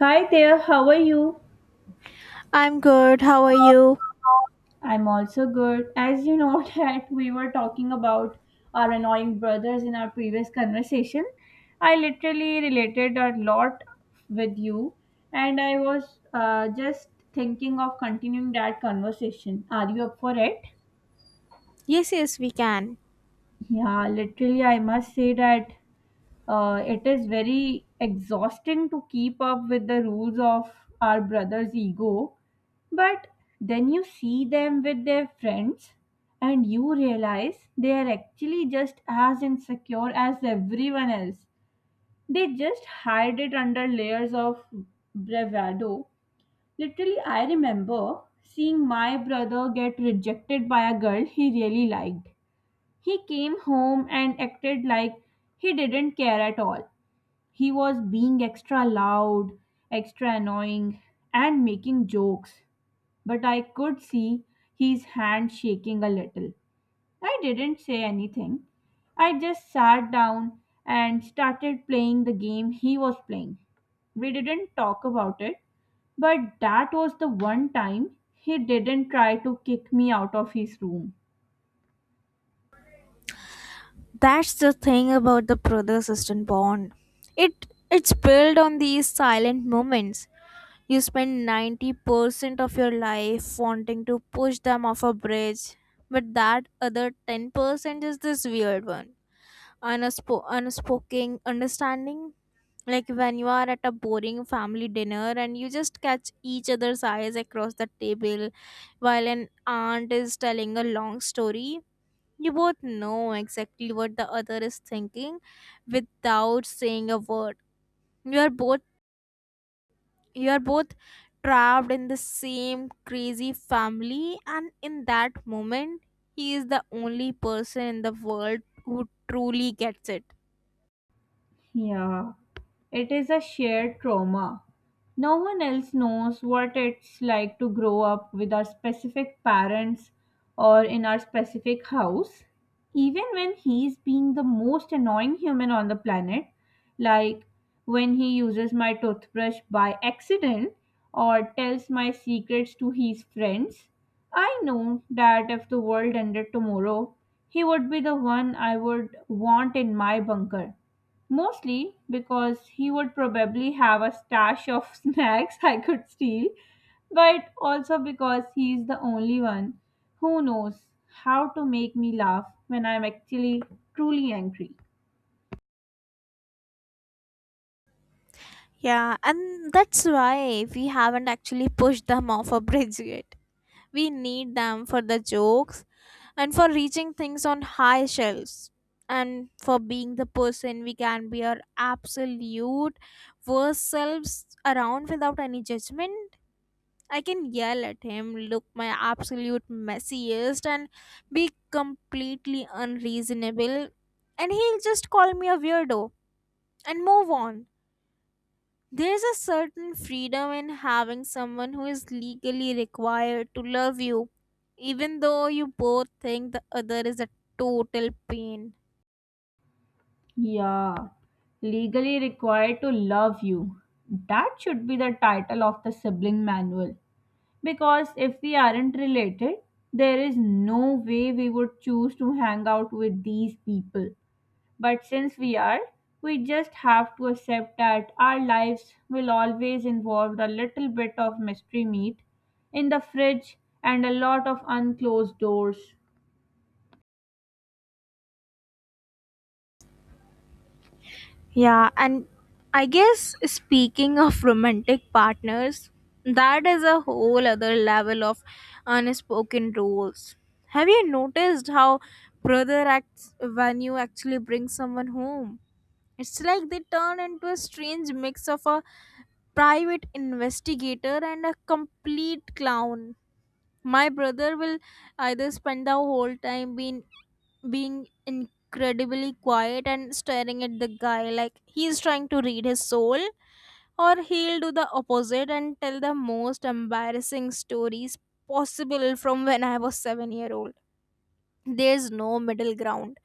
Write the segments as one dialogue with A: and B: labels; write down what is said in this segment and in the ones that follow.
A: Hi there, how are you?
B: I'm good. How are you?
A: I'm also good. As you know that we were talking about our annoying brothers in our previous conversation, I literally related a lot with you, and I was just thinking of continuing that conversation. Are you up for it?
B: Yes, yes, we can.
A: Yeah, literally, I must say that it is very exhausting to keep up with the rules of our brother's ego. But then you see them with their friends and you realize they are actually just as insecure as everyone else. They just hide it under layers of bravado. Literally, I remember seeing my brother get rejected by a girl he really liked. He came home and acted like he didn't care at all. He was being extra loud, extra annoying, and making jokes, but I could see his hand shaking a little. I didn't say anything. I just sat down and started playing the game he was playing. We didn't talk about it, but that was the one time he didn't try to kick me out of his room.
B: That's the thing about the brother sister bond. It it's built on these silent moments. You spend 90% of your life wanting to push them off a bridge, but that other 10% is this weird, one. Unspoken understanding, like when you are at a boring family dinner and you just catch each other's eyes across the table while an aunt is telling a long story. You both know exactly what the other is thinking without saying a word. you are both you are both trapped in the same crazy family, and in that moment, he is the only person in the world who truly gets it.
A: Yeah, it is a shared trauma. No one else knows what it's like to grow up with our specific parents or in our specific house. Even when he's being the most annoying human on the planet, like when he uses my toothbrush by accident or tells my secrets to his friends, I know that if the world ended tomorrow, he would be the one I would want in my bunker. Mostly because he would probably have a stash of snacks I could steal, but also because he is the only one who knows how to make me laugh when I'm actually truly angry.
B: Yeah, and that's why we haven't actually pushed them off a bridge yet. We need them for the jokes, and for reaching things on high shelves, and for being the person we can be our absolute worst selves around without any judgment. I can yell at him, look my absolute messiest, and be completely unreasonable, and he'll just call me a weirdo and move on. There's a certain freedom in having someone who is legally required to love you, even though you both think the other is a total pain.
A: Yeah, legally required to love you. That should be the title of the sibling manual. Because if we aren't related, there is no way we would choose to hang out with these people. But since we are, we just have to accept that our lives will always involve a little bit of mystery meat in the fridge and a lot of unclosed doors.
B: Yeah, and I guess, speaking of romantic partners, that is a whole other level of unspoken rules. Have you noticed how brother acts when you actually bring someone home? It's like they turn into a strange mix of a private investigator and a complete clown. My brother will either spend the whole time being incredibly quiet and staring at the guy like he's trying to read his soul, or he'll do the opposite and tell the most embarrassing stories possible from when I was 7-year-old. There's no middle ground.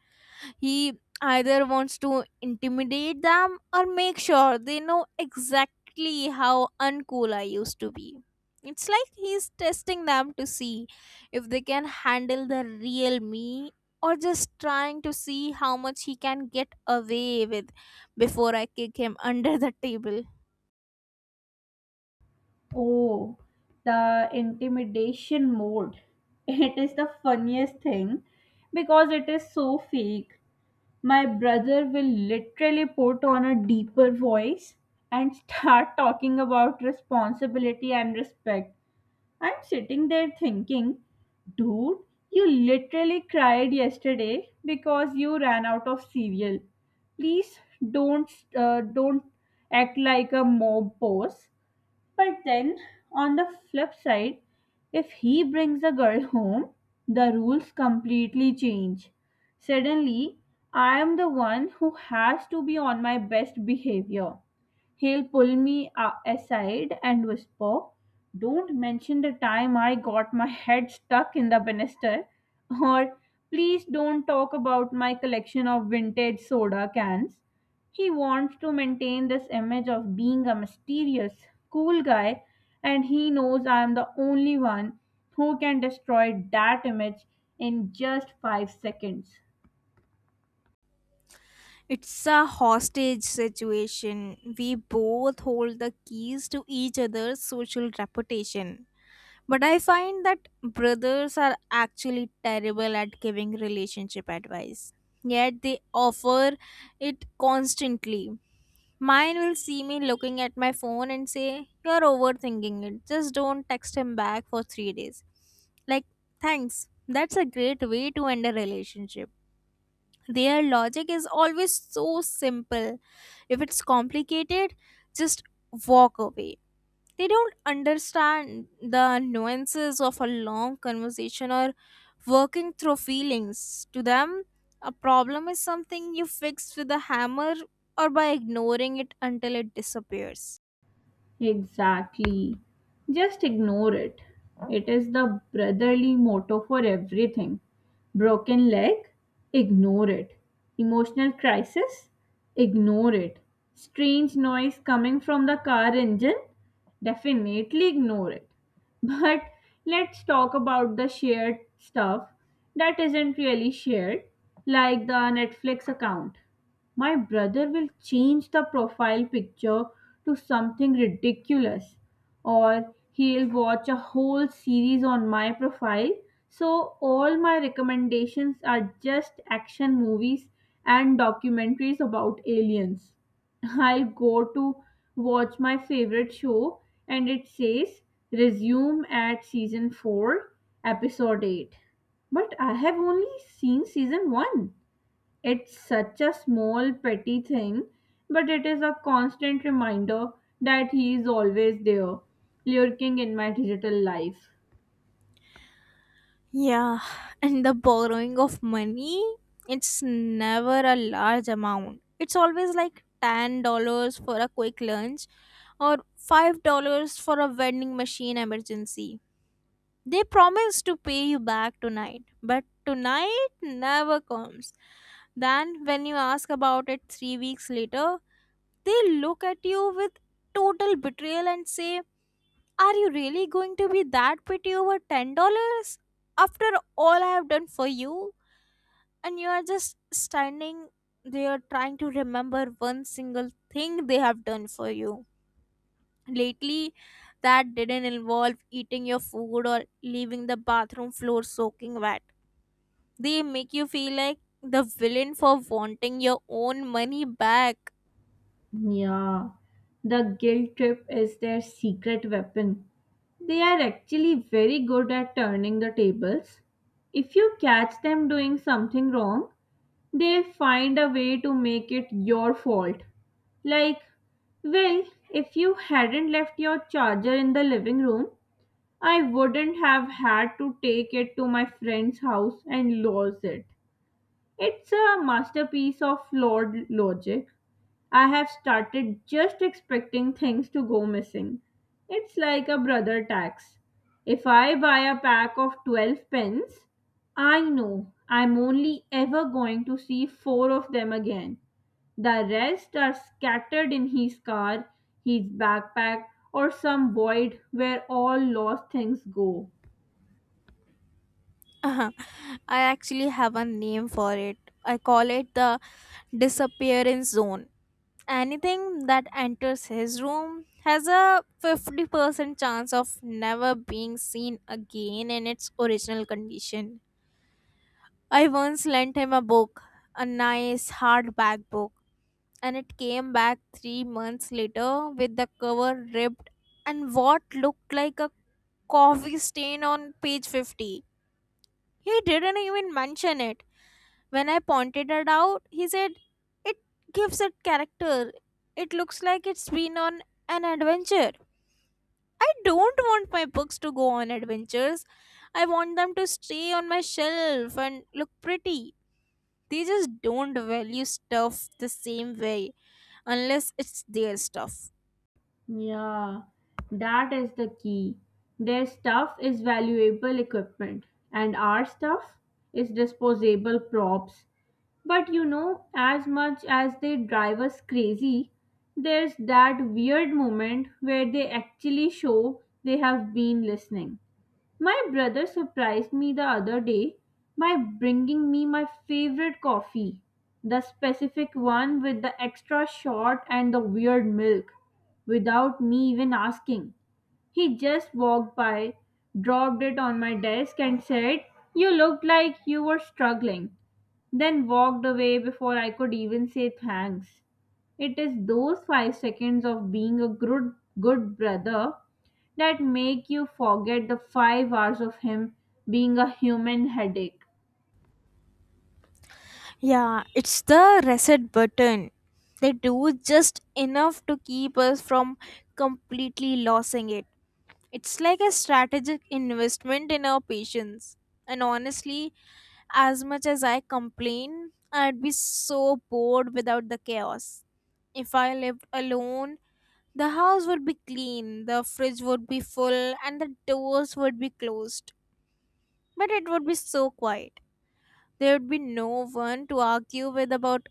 B: He either wants to intimidate them or make sure they know exactly how uncool I used to be. It's like he's testing them to see if they can handle the real me, or just trying to see how much he can get away with before I kick him under the table.
A: Oh, the intimidation mode. It is the funniest thing because it is so fake. My brother will literally put on a deeper voice and start talking about responsibility and respect. I'm sitting there thinking, dude, you literally cried yesterday because you ran out of cereal. Please don't, don't act like a mob boss. But then, on the flip side, if he brings a girl home, the rules completely change. Suddenly, I am the one who has to be on my best behavior. He'll pull me aside and whisper, don't mention the time I got my head stuck in the banister, or please don't talk about my collection of vintage soda cans. He wants to maintain this image of being a mysterious, cool guy, and he knows I am the only one who can destroy that image in just 5 seconds.
B: It's a hostage situation. We both hold the keys to each other's social reputation. But I find that brothers are actually terrible at giving relationship advice. Yet they offer it constantly. Mine will see me looking at my phone and say, "You're overthinking it. Just don't text him back for 3 days." Like, thanks. That's a great way to end a relationship. Their logic is always so simple. If it's complicated, just walk away. They don't understand the nuances of a long conversation or working through feelings. To them, a problem is something you fix with a hammer or by ignoring it until it disappears.
A: Exactly. Just ignore it. It is the brotherly motto for everything. Broken leg? Ignore it. Emotional crisis? Ignore it. Strange noise coming from the car engine? Definitely ignore it. But let's talk about the shared stuff that isn't really shared, like the Netflix account. My brother will change the profile picture to something ridiculous, or he'll watch a whole series on my profile. So, all my recommendations are just action movies and documentaries about aliens. I'll go to watch my favorite show and it says resume at season 4, episode 8. But I have only seen season 1. It's such a small, petty thing, but it is a constant reminder that he is always there, lurking in my digital life.
B: Yeah, and the borrowing of money, it's never a large amount. It's always like $10 for a quick lunch, or $5 for a vending machine emergency. They promise to pay you back tonight, but tonight never comes. Then, when you ask about it 3 weeks later, they look at you with total betrayal and say, "Are you really going to be that petty over $10 after all I have done for you?" And you are just standing there trying to remember one single thing they have done for you lately that didn't involve eating your food or leaving the bathroom floor soaking wet. They make you feel like the villain for wanting your own money back.
A: Yeah, the guilt trip is their secret weapon. They are actually very good at turning the tables. If you catch them doing something wrong, they'll find a way to make it your fault. Like, well, if you hadn't left your charger in the living room, I wouldn't have had to take it to my friend's house and lose it. It's a masterpiece of flawed logic. I have started just expecting things to go missing. It's like a brother tax. If I buy a pack of 12 pens, I know I'm only ever going to see four of them again. The rest are scattered in his car, his backpack, or some void where all lost things go.
B: I actually have a name for it. I call it the disappearance zone. Anything that enters his room has a 50% chance of never being seen again in its original condition. I once lent him a book, a nice hardback book, and it came back 3 months later with the cover ripped and what looked like a coffee stain on page 50. He didn't even mention it. When I pointed it out, he said, "It gives it character. It looks like it's been on an adventure." I don't want my books to go on adventures. I want them to stay on my shelf and look pretty. They just don't value stuff the same way, unless it's their stuff.
A: Yeah, that is the key. Their stuff is valuable equipment, and our stuff is disposable props. But you know, as much as they drive us crazy, there's that weird moment where they actually show they have been listening. My brother surprised me the other day by bringing me my favorite coffee, the specific one with the extra shot and the weird milk, without me even asking. He just walked by, dropped it on my desk, and said, you looked like you were struggling, then walked away before I could even say thanks. It is those 5 seconds of being a good, good brother that make you forget the 5 hours of him being a human headache.
B: Yeah, it's the reset button. They do just enough to keep us from completely losing it. It's like a strategic investment in our patience. And honestly, as much as I complain, I'd be so bored without the chaos. If I lived alone, the house would be clean, the fridge would be full, and the doors would be closed. But it would be so quiet. There would be no one to argue with about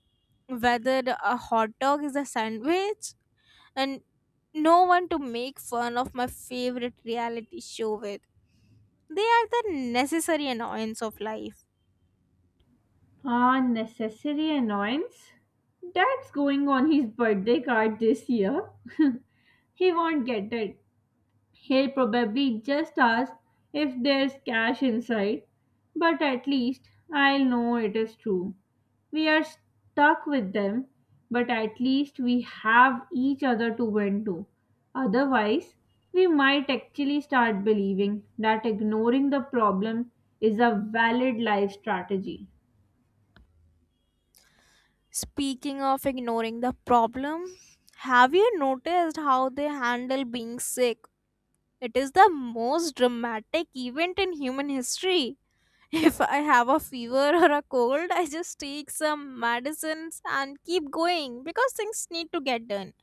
B: whether a hot dog is a sandwich, and no one to make fun of my favorite reality show with. They are the necessary annoyance of life.
A: Unnecessary annoyance? That's going on his birthday card this year. He won't get it. He'll probably just ask if there's cash inside, but at least I'll know it is true. We are stuck with them, but at least we have each other to vent to. Otherwise, we might actually start believing that ignoring the problem is a valid life strategy.
B: Speaking of ignoring the problem, have you noticed how they handle being sick? It is the most dramatic event in human history. If I have a fever or a cold, I just take some medicines and keep going because things need to get done.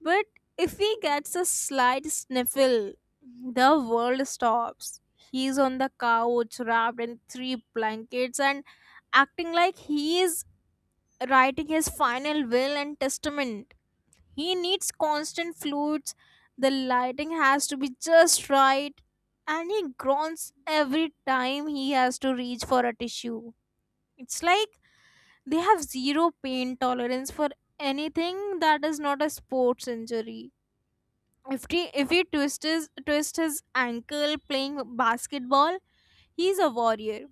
B: But if he gets a slight sniffle, the world stops. He's on the couch wrapped in three blankets and acting like he is writing his final will and testament. He needs constant fluids, the lighting has to be just right, and he groans every time he has to reach for a tissue. It's like they have zero pain tolerance for anything that is not a sports injury. If he twist his ankle playing basketball, he's a warrior.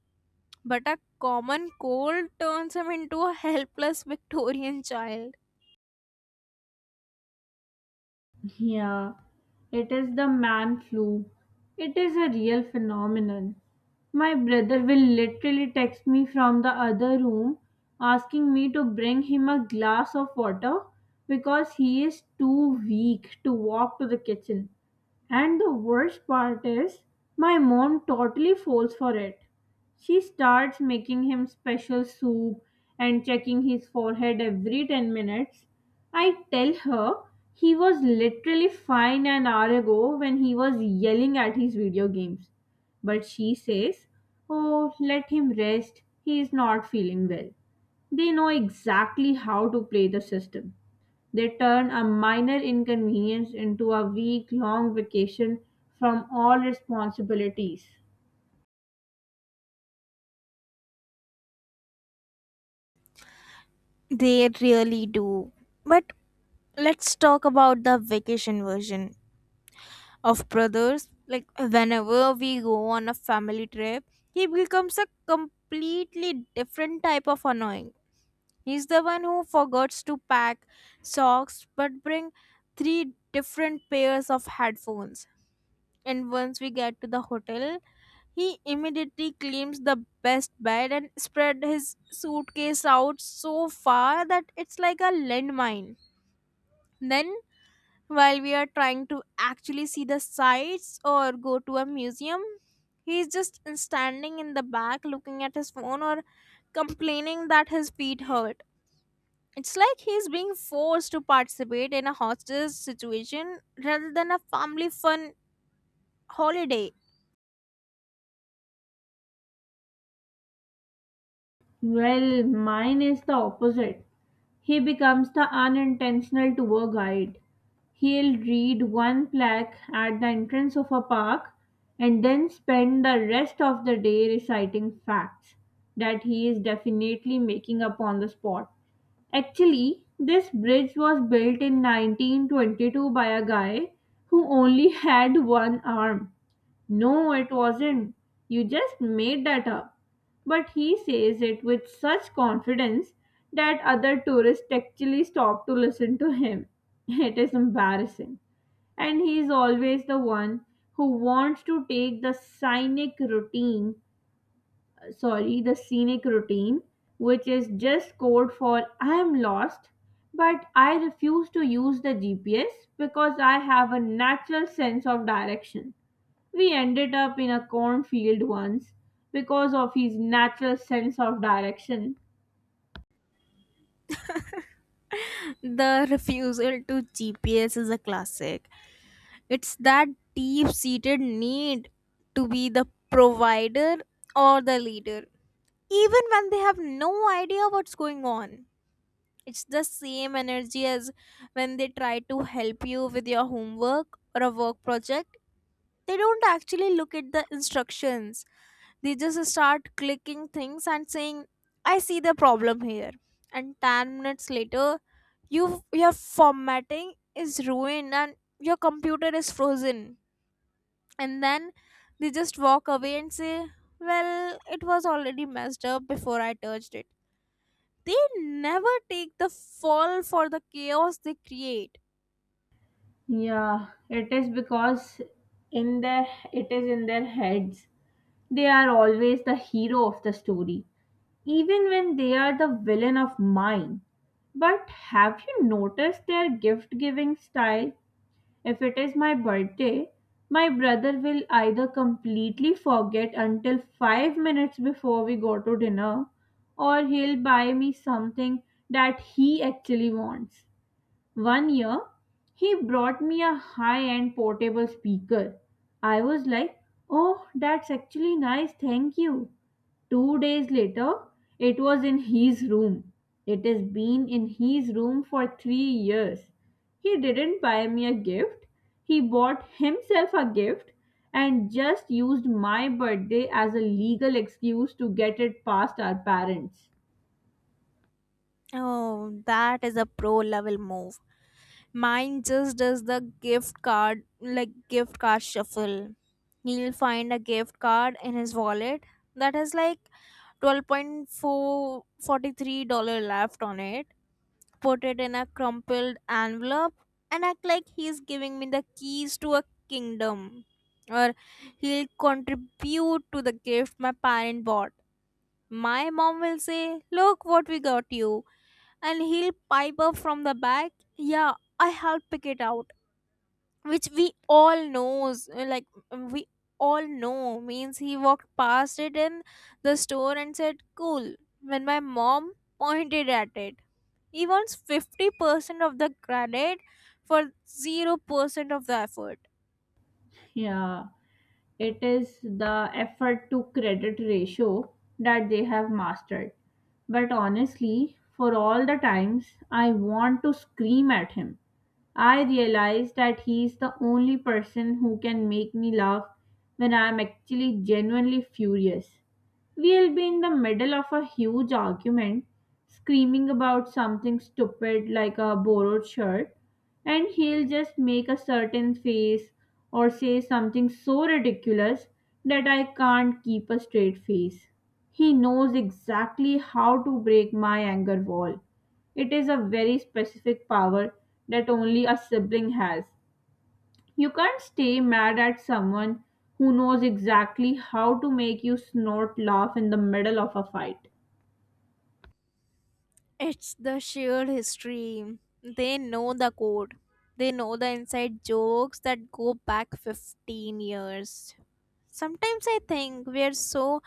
B: But a common cold turns him into a helpless Victorian child.
A: Yeah, it is the man flu. It is a real phenomenon. My brother will literally text me from the other room asking me to bring him a glass of water because he is too weak to walk to the kitchen. And the worst part is, my mom totally falls for it. She starts making him special soup and checking his forehead every 10 minutes. I tell her he was literally fine an hour ago when he was yelling at his video games. But she says, oh, let him rest. He is not feeling well. They know exactly how to play the system. They turn a minor inconvenience into a week long vacation from all responsibilities.
B: They really do. But let's talk about the vacation version of brothers. Like, whenever we go on a family trip, he becomes a completely different type of annoying. He's the one who forgets to pack socks but bring three different pairs of headphones. And once we get to the hotel, he immediately claims the best bed and spread his suitcase out so far that it's like a landmine. Then, while we are trying to actually see the sights or go to a museum, he's just standing in the back looking at his phone or complaining that his feet hurt. It's like he's being forced to participate in a hostage situation rather than a family fun holiday.
A: Well, mine is the opposite. He becomes the unintentional tour guide. He'll read one plaque at the entrance of a park and then spend the rest of the day reciting facts that he is definitely making up on the spot. Actually, this bridge was built in 1922 by a guy who only had one arm. No, it wasn't. You just made that up. But he says it with such confidence that other tourists actually stop to listen to him. It is embarrassing. And he is always the one who wants to take the scenic routine, sorry, the scenic routine, which is just code for I am lost, but I refuse to use the GPS because I have a natural sense of direction. We ended up in a cornfield once because of his natural sense of direction.
B: The refusal to GPS is a classic. It's that deep seated need to be the provider or the leader, even when they have no idea what's going on. It's the same energy as when they try to help you with your homework or a work project. They don't actually look at the instructions, they just start clicking things and saying, "I see the problem here." And 10 minutes later, you your formatting is ruined and your computer is frozen. And then they just walk away and say, "Well, it was already messed up before I touched it." They never take the fall for the chaos they create.
A: Yeah, it is because in their it is in their heads. They are always the hero of the story, even when they are the villain of mine. But have you noticed their gift giving style? If it is my birthday, my brother will either completely forget until 5 minutes before we go to dinner, or he'll buy me something that he actually wants. One year, he brought me a high end portable speaker. I was like, oh, that's actually nice, thank you. 2 days later, it was in his room. It has been in his room for 3 years. He didn't buy me a gift, he bought himself a gift and just used my birthday as a legal excuse to get it past our parents.
B: Oh, that is a pro level move. Mine just does the gift card, like, gift card shuffle. He'll find a gift card in his wallet that has like $12 443 left on it, put it in a crumpled envelope, and act like he's giving me the keys to a kingdom. Or he'll contribute to the gift my parent bought. My mom will say, "Look what we got you." And he'll pipe up from the back, "Yeah, I helped pick it out." Which we all knows. Like, we all know. Means he walked past it in the store and said, "Cool," when my mom pointed at it. He wants 50% of the credit for 0% of the effort.
A: Yeah. It is the effort to credit ratio that they have mastered. But honestly, for all the times I want to scream at him, I realize that he is the only person who can make me laugh when I am actually genuinely furious. We'll be in the middle of a huge argument, screaming about something stupid like a borrowed shirt, and he'll just make a certain face or say something so ridiculous that I can't keep a straight face. He knows exactly how to break my anger wall. It is a very specific power that only a sibling has. You can't stay mad at someone who knows exactly how to make you snort laugh in the middle of a fight.
B: It's the shared history. They know the code. They know the inside jokes that go back 15 years. Sometimes I think we are so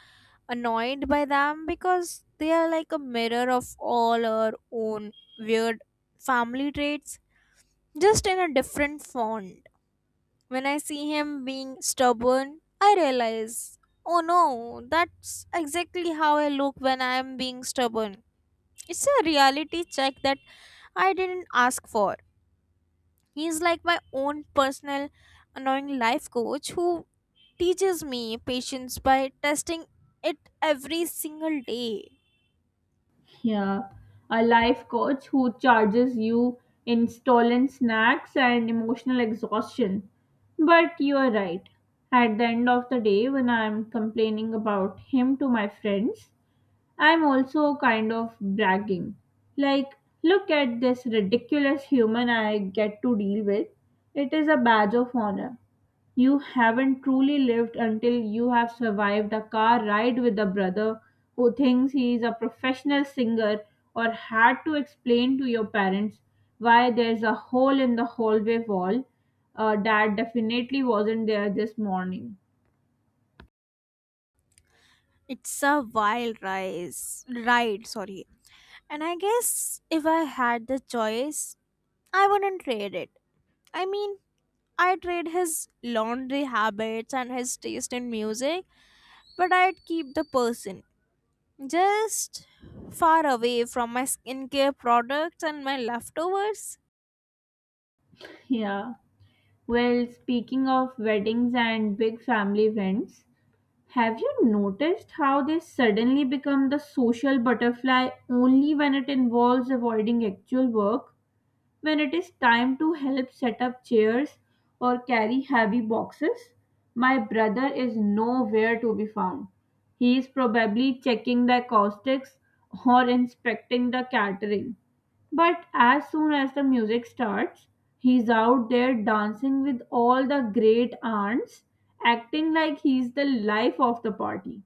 B: annoyed by them because they are like a mirror of all our own weird family traits, just in a different font. When I see him being stubborn, I realize, oh no, that's exactly how I look when I am being stubborn. It's a reality check that I didn't ask for. He's like my own personal annoying life coach who teaches me patience by testing it every single day.
A: Yeah, a life coach who charges you in stolen snacks and emotional exhaustion. But you are right. At the end of the day, when I'm complaining about him to my friends, I'm also kind of bragging. Like, look at this ridiculous human I get to deal with. It is a badge of honor. You haven't truly lived until you have survived a car ride with a brother who thinks he is a professional singer or had to explain to your parents why there's a hole in the hallway wall that definitely wasn't there this morning.
B: It's a wild rise ride, sorry. And I guess if I had the choice, I wouldn't trade it. I mean, I trade his laundry habits and his taste in music, but I'd keep the person. Just far away from my skincare products and my leftovers.
A: Yeah. Well, speaking of weddings and big family events, have you noticed how they suddenly become the social butterfly only when it involves avoiding actual work? When it is time to help set up chairs or carry heavy boxes, my brother is nowhere to be found. He is probably checking the acoustics or inspecting the catering. But as soon as the music starts, he's out there dancing with all the great aunts, acting like he's the life of the party.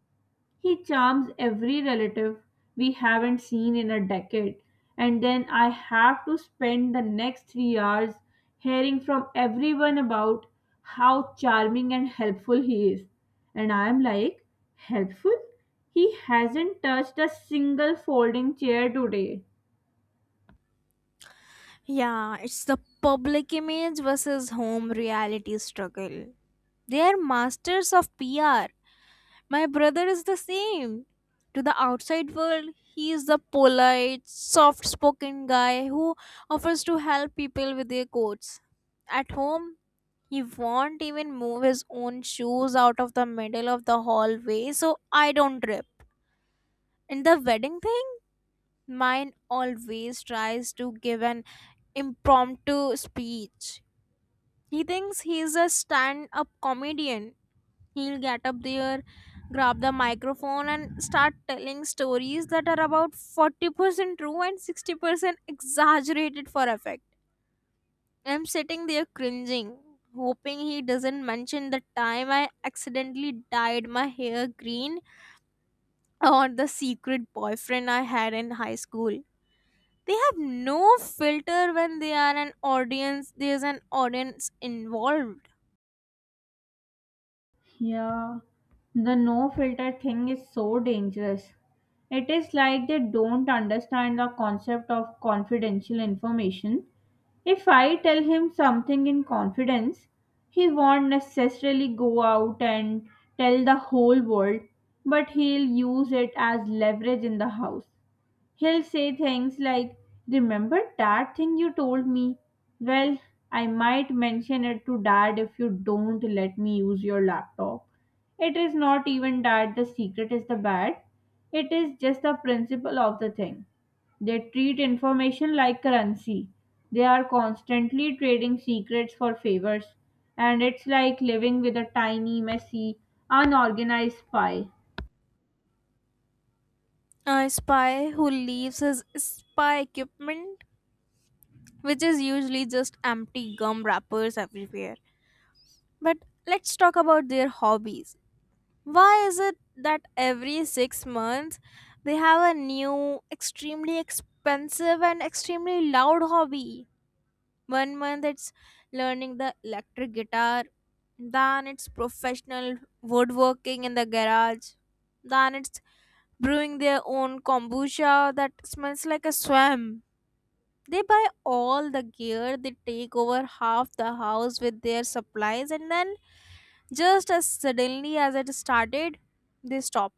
A: He charms every relative we haven't seen in a decade, and then I have to spend the next 3 hours hearing from everyone about how charming and helpful he is. And I am like, helpful? He hasn't touched a single folding chair today.
B: Yeah, it's the public image versus home reality struggle. They are masters of PR. My brother is the same. To the outside world, he is the polite, soft spoken guy who offers to help people with their coats. At home, he won't even move his own shoes out of the middle of the hallway so I don't trip. And the wedding thing, mine always tries to give an impromptu speech. He thinks he's a stand up comedian. He'll get up there, grab the microphone, and start telling stories that are about 40% true and 60% exaggerated for effect. I'm sitting there cringing, hoping he doesn't mention the time I accidentally dyed my hair green or the secret boyfriend I had in high school. They have no filter when they are an audience there's an audience involved.
A: Yeah, the no filter thing is so dangerous. It is like they don't understand the concept of confidential information. If I tell him something in confidence, he won't necessarily go out and tell the whole world, but he'll use it as leverage in the house. He'll say things like, remember that thing you told me? Well, I might mention it to dad if you don't let me use your laptop. It is not even that the secret is the bad, it is just the principle of the thing. They treat information like currency. They are constantly trading secrets for favors, and it's like living with a tiny, messy, unorganized pie.
B: A spy who leaves his spy equipment, which is usually just empty gum wrappers, everywhere. But let's talk about their hobbies. Why is it that every 6 months they have a new, extremely expensive, and extremely loud hobby? One month it's learning the electric guitar, then it's professional woodworking in the garage, then it's brewing their own kombucha that smells like a swamp. They buy all the gear, they take over half the house with their supplies, and then, just as suddenly as it started, they stop.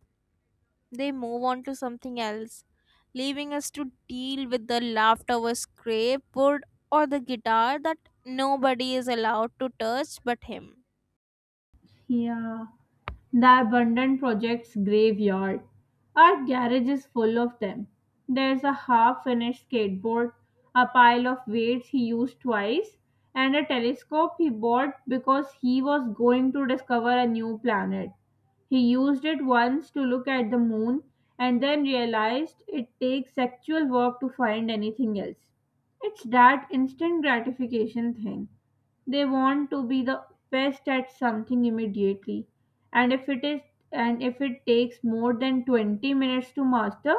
B: They move on to something else, leaving us to deal with the leftover scrapboard or the guitar that nobody is allowed to touch but him.
A: Yeah. The abandoned project's graveyard. Our garage is full of them. There's a half finished skateboard, a pile of weights he used twice, and a telescope he bought because he was going to discover a new planet. He used it once to look at the moon and then realized it takes actual work to find anything else. It's that instant gratification thing. They want to be the best at something immediately. And if it is and if it takes more than 20 minutes to master,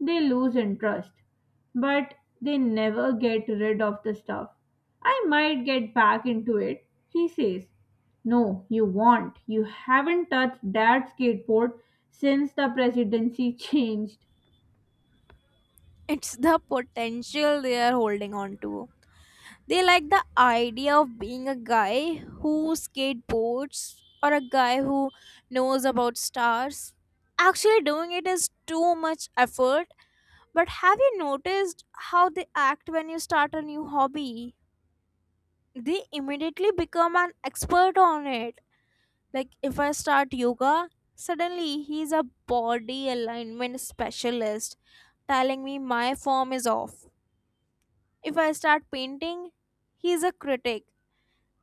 A: they lose interest. But they never get rid of the stuff. I might get back into it, he says. No, you won't. You haven't touched that skateboard since the presidency changed.
B: It's the potential they are holding on to. They like the idea of being a guy who skateboards or a guy who knows about stars. Actually, doing it is too much effort. But have you noticed how they act when you start a new hobby? They immediately become an expert on it. Like, if I start yoga, suddenly he's a body alignment specialist telling me my form is off. If I start painting, he's a critic.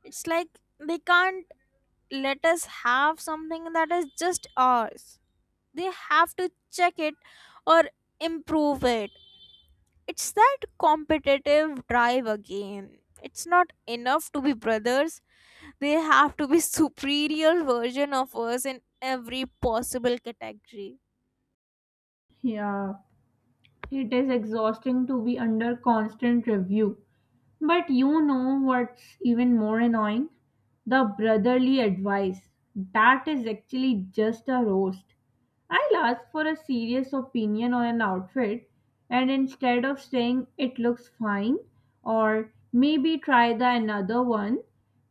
B: It's like they can't let us have something that is just ours. They have to check it or improve it. It's that competitive drive again. It's not enough to be brothers, they have to be superior version of us in every possible category.
A: Yeah, it is exhausting to be under constant review. But you know what's even more annoying? The brotherly advice. That is actually just a roast. I'll ask for a serious opinion on an outfit, and instead of saying it looks fine or maybe try the another one,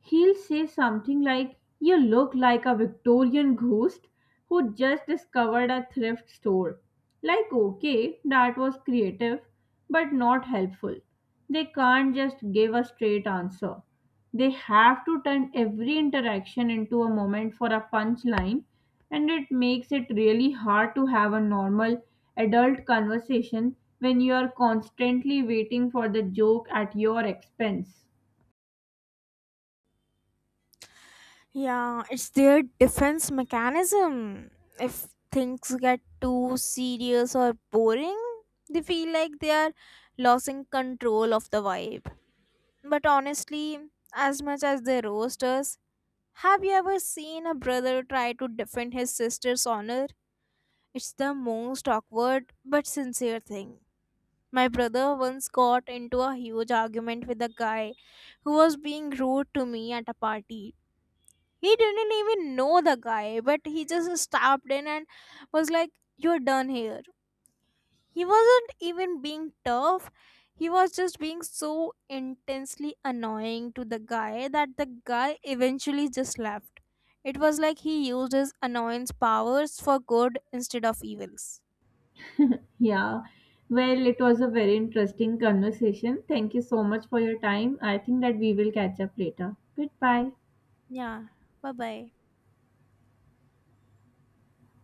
A: he'll say something like, you look like a Victorian ghost who just discovered a thrift store. Like, okay, that was creative, but not helpful. They can't just give a straight answer. They have to turn every interaction into a moment for a punchline, and it makes it really hard to have a normal adult conversation when you are constantly waiting for the joke at your expense.
B: Yeah, it's their defense mechanism. If things get too serious or boring, they feel like they are losing control of the vibe. But honestly, as much as they roast us, have you ever seen a brother try to defend his sister's honor? It's the most awkward but sincere thing. My brother once got into a huge argument with a guy who was being rude to me at a party. He didn't even know the guy, but he just stopped in and was like, "You're done here." He wasn't even being tough. He was just being so intensely annoying to the guy that the guy eventually just left. It was like he used his annoyance powers for good instead of evils.
A: Yeah. Well, it was a very interesting conversation. Thank you so much for your time. I think that we will catch up later. Goodbye.
B: Yeah, bye bye.